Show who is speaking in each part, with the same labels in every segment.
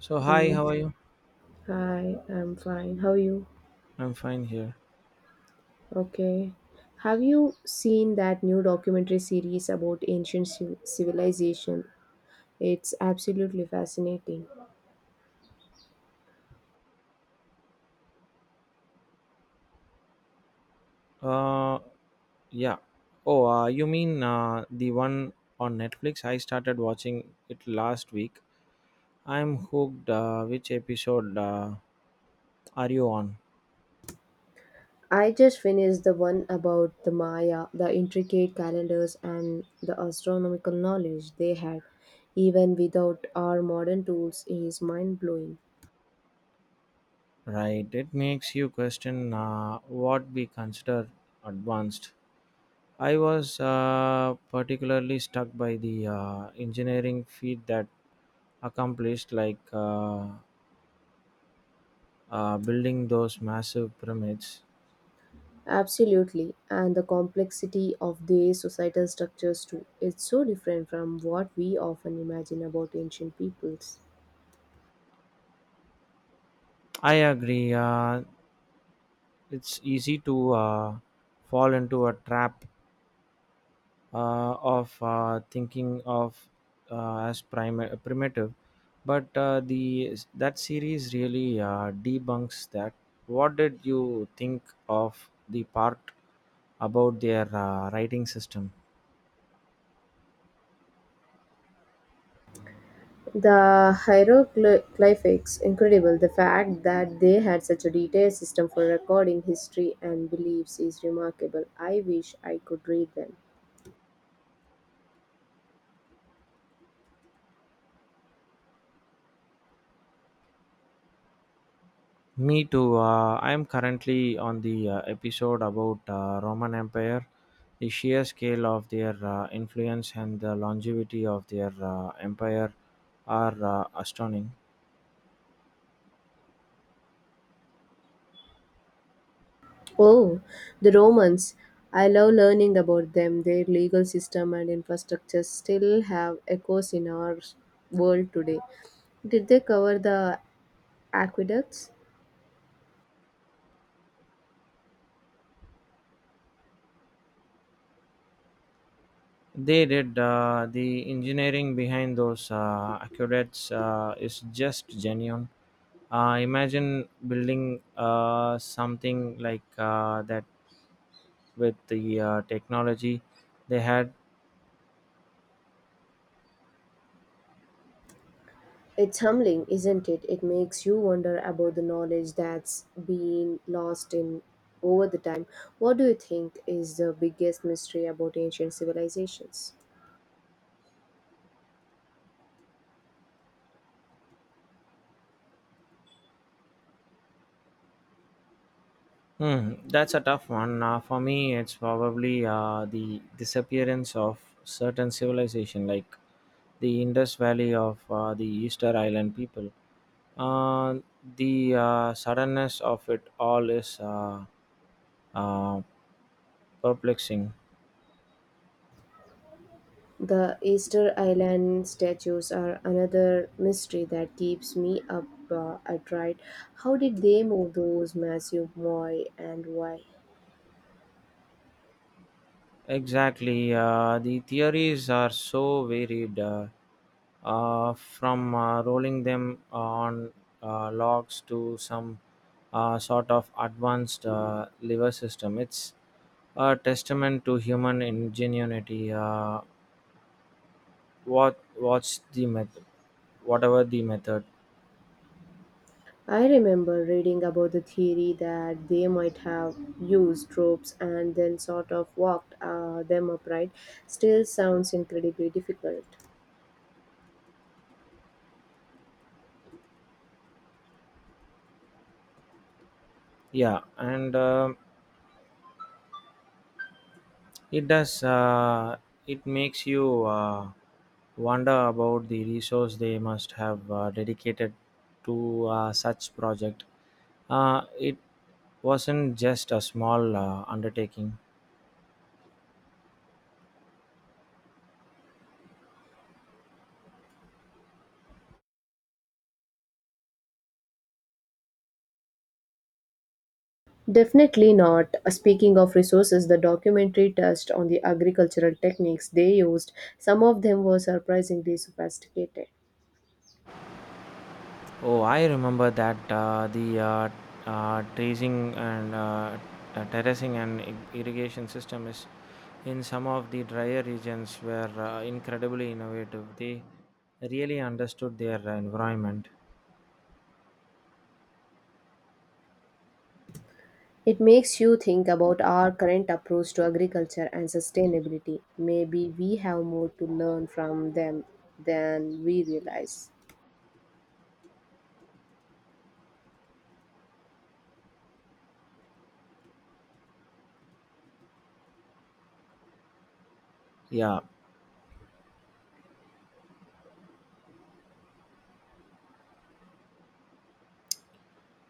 Speaker 1: So hi,
Speaker 2: Mm,
Speaker 1: how are you?
Speaker 2: hi, I'm fine. How are you?
Speaker 1: I'm fine here.
Speaker 2: Okay. Have you seen that new documentary series about ancient civilization? It's absolutely fascinating.
Speaker 1: Uh, yeah. Oh, you mean the one on Netflix? I started watching it last week. I'm hooked. Which episode are you on?
Speaker 2: I just finished the one about the Maya. The intricate calendars and the astronomical knowledge they had, even without our modern tools, is mind blowing.
Speaker 1: Right. It makes you question what we consider advanced. I was particularly stuck by the engineering feat that accomplished, like building those massive pyramids.
Speaker 2: Absolutely, and the complexity of their societal structures too. It's so different from what we often imagine about ancient peoples.
Speaker 1: I agree. It's easy to fall into a trap of thinking of as primitive, but the that series really debunks that. What did you think of the part about their writing system?
Speaker 2: The hieroglyphics, incredible. The fact that they had such a detailed system for recording history and beliefs is remarkable. I wish I could read them.
Speaker 1: Me too. I'm currently on the episode about Roman Empire. The sheer scale of their influence and the longevity of their empire are astounding.
Speaker 2: Oh, the Romans. I love learning about them. Their legal system and infrastructure still have echoes in our world today. Did they cover the aqueducts?
Speaker 1: They did. The engineering behind those aqueducts is just genuine. Imagine building something like that with the technology they had.
Speaker 2: It's humbling, isn't it? It makes you wonder about the knowledge that's been lost in over the time. What do you think is the biggest mystery about ancient civilizations?
Speaker 1: Hmm, that's a tough one. For me, it's probably the disappearance of certain civilization, like the Indus Valley of the Easter Island people. Uh, the suddenness of it all is uh, perplexing.
Speaker 2: The Easter Island statues are another mystery that keeps me up at night. How did they move those massive moi and why?
Speaker 1: Exactly. The theories are so varied, from rolling them on logs to some sort of advanced liver system. It's a testament to human ingenuity. What's the method? Whatever the method.
Speaker 2: I remember reading about the theory that they might have used tropes and then sort of walked them upright. Still sounds incredibly difficult.
Speaker 1: Yeah, and it does. It makes you wonder about the resource they must have dedicated to such project. It wasn't just a small undertaking.
Speaker 2: Definitely not. Speaking of resources, the documentary touched on the agricultural techniques they used. Some of them were surprisingly sophisticated.
Speaker 1: Oh, I remember that. The Tracing and terracing and irrigation system is in some of the drier regions were incredibly innovative. They really understood their environment.
Speaker 2: It makes you think about our current approach to agriculture and sustainability. Maybe we have more to learn from them than we realize.
Speaker 1: Yeah.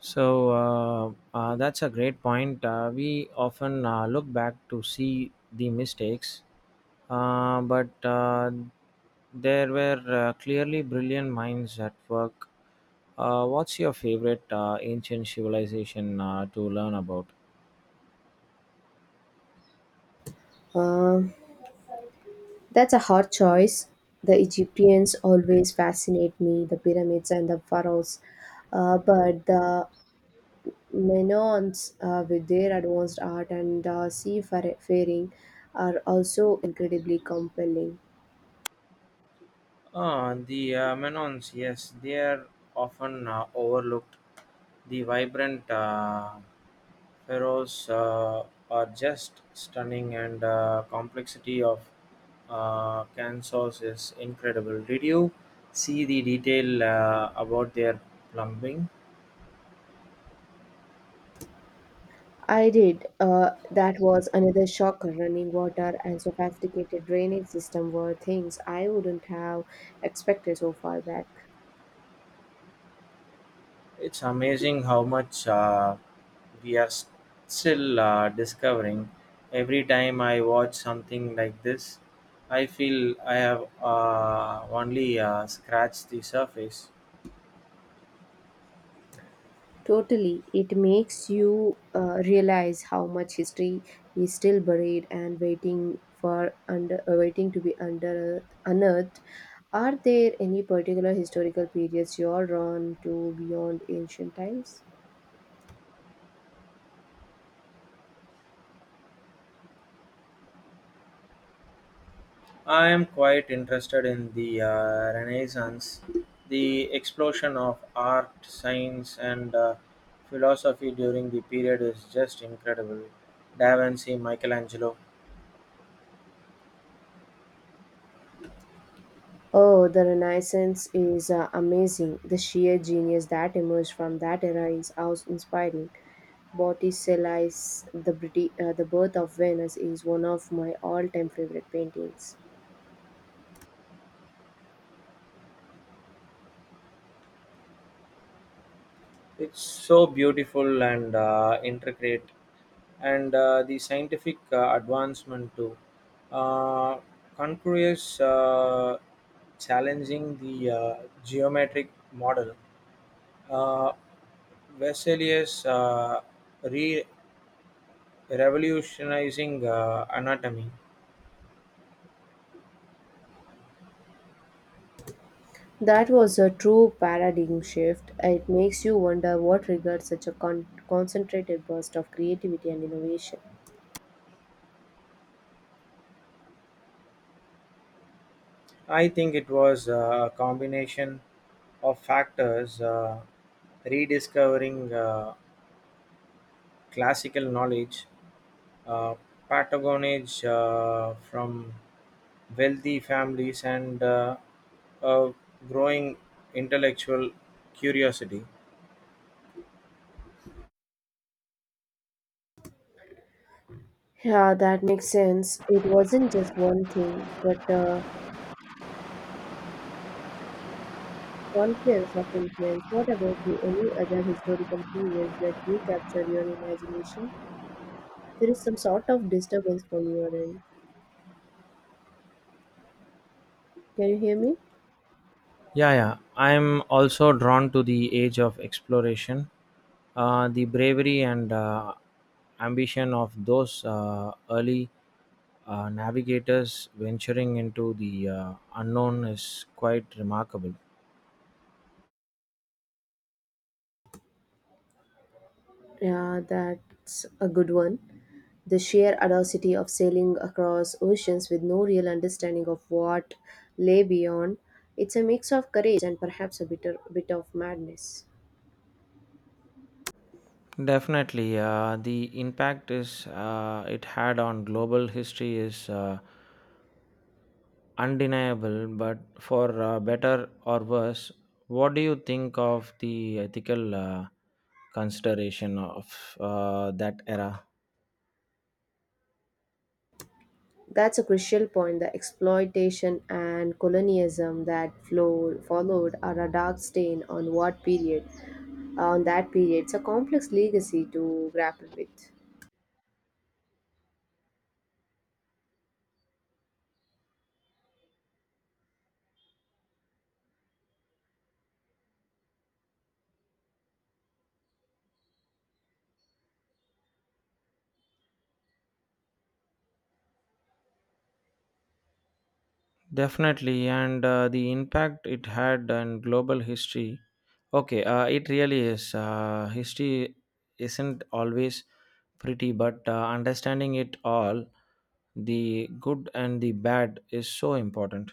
Speaker 1: So that's a great point. We often look back to see the mistakes, but there were clearly brilliant minds at work. What's your favorite ancient civilization to learn about?
Speaker 2: Um, That's a hard choice. The Egyptians always fascinate me, the pyramids and the pharaohs. But the Menoans, with their advanced art and seafaring, are also incredibly compelling.
Speaker 1: Ah, the Menons, yes, they are often overlooked. The vibrant pharaohs are just stunning, and complexity of Kansas is incredible. Did you see the detail about their plumbing?
Speaker 2: I did. That was another shocker. Running water and sophisticated drainage system were things I wouldn't have expected so far back.
Speaker 1: It's amazing how much we are still discovering. Every time I watch something like this, I feel I have only scratched the surface.
Speaker 2: Totally. It makes you realize how much history is still buried and waiting for under waiting to be under unearthed. Are there any particular historical periods you're drawn to beyond ancient times?
Speaker 1: I am quite interested in the Renaissance. The explosion of art, science, and philosophy during the period is just incredible. Da Vinci, Michelangelo.
Speaker 2: Oh, the Renaissance is amazing. The sheer genius that emerged from that era is awe inspiring. Botticelli's The Birth of Venus is one of my all-time favorite paintings.
Speaker 1: It's so beautiful and intricate, and the scientific advancement too. Uh, Concurious challenging the geometric model. Uh, Vesalius re revolutionizing anatomy.
Speaker 2: That was a true paradigm shift. It makes you wonder what triggered such a concentrated burst of creativity and innovation.
Speaker 1: I think it was a combination of factors, rediscovering classical knowledge, uh, patronage from wealthy families, and a growing intellectual curiosity.
Speaker 2: Yeah, that makes sense. It wasn't just one thing, but a confluence of influence. What about you? Any other historical periods that you capture your imagination? There is some sort of disturbance from your end. Can you hear me?
Speaker 1: Yeah, yeah. I'm also drawn to the age of exploration, the bravery and ambition of those early navigators venturing into the unknown is quite remarkable.
Speaker 2: Yeah, that's a good one. The sheer audacity of sailing across oceans with no real understanding of what lay beyond. It's a mix of courage and perhaps a bitter bit of madness.
Speaker 1: Definitely, the impact is it had on global history is undeniable, but for better or worse. What do you think of the ethical consideration of that era?
Speaker 2: That's a crucial point. The exploitation and colonialism that flowed, followed are a dark stain on on that period. It's a complex legacy to grapple with.
Speaker 1: Definitely, and the impact it had on global history. Okay, it really is. History isn't always pretty, but understanding it all, the good and the bad, is so important.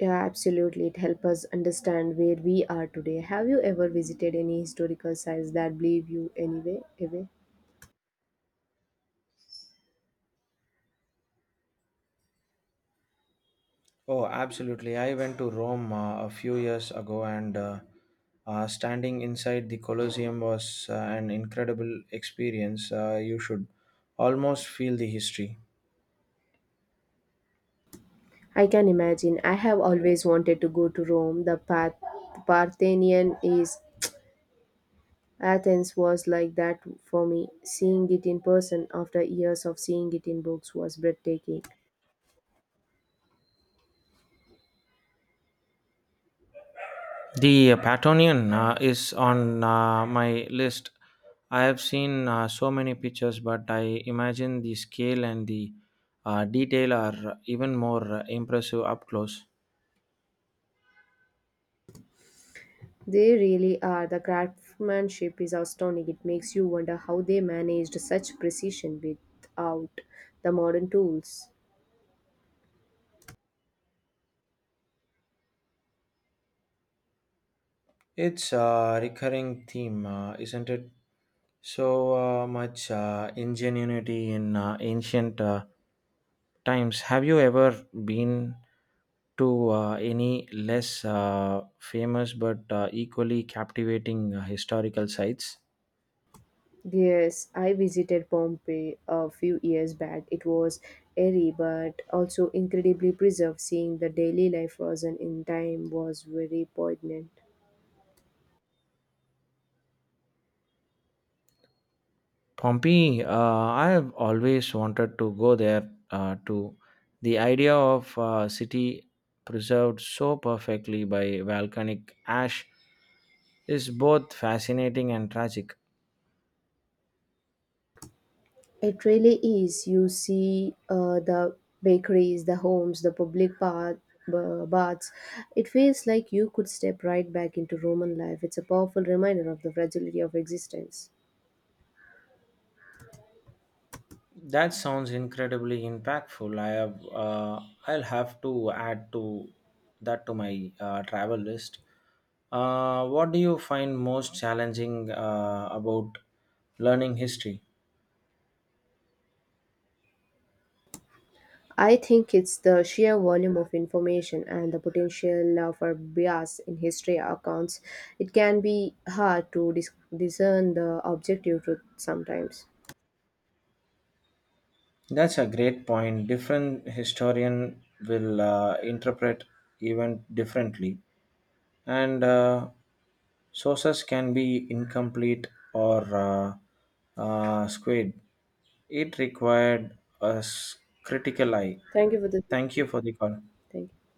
Speaker 2: Yeah, absolutely. It helps us understand where we are today. Have you ever visited any historical sites that leave you anyway away?
Speaker 1: Oh, absolutely. I went to Rome a few years ago, and standing inside the Colosseum was an incredible experience. You should almost feel the history.
Speaker 2: I can imagine. I have always wanted to go to Rome. The Parthenian is Athens was like that for me. Seeing it in person after years of seeing it in books was breathtaking.
Speaker 1: The Patonian is on my list. I have seen so many pictures, but I imagine the scale and the detail are even more impressive up close.
Speaker 2: They really are. The craftsmanship is astounding. It makes you wonder how they managed such precision without the modern tools.
Speaker 1: It's a recurring theme, isn't it? So much ingenuity in ancient times. Have you ever been to any less famous but equally captivating historical sites?
Speaker 2: Yes, I visited Pompeii a few years back. It was airy but also incredibly preserved. Seeing the daily life frozen in time was very poignant.
Speaker 1: Pompeii, I have always wanted to go there too. The idea of a city preserved so perfectly by volcanic ash is both fascinating and tragic.
Speaker 2: It really is. You see the bakeries, the homes, the public baths. It feels like you could step right back into Roman life. It's a powerful reminder of the fragility of existence.
Speaker 1: That sounds incredibly impactful. I'll have to add to that to my travel list. What do you find most challenging about learning history?
Speaker 2: I think it's the sheer volume of information and the potential for bias in history accounts. It can be hard to discern the objective truth sometimes.
Speaker 1: That's a great point. Different historian will interpret event differently, and sources can be incomplete or skewed. It required a critical eye.
Speaker 2: Thank you for the
Speaker 1: Thank you for the call.
Speaker 2: Thank you.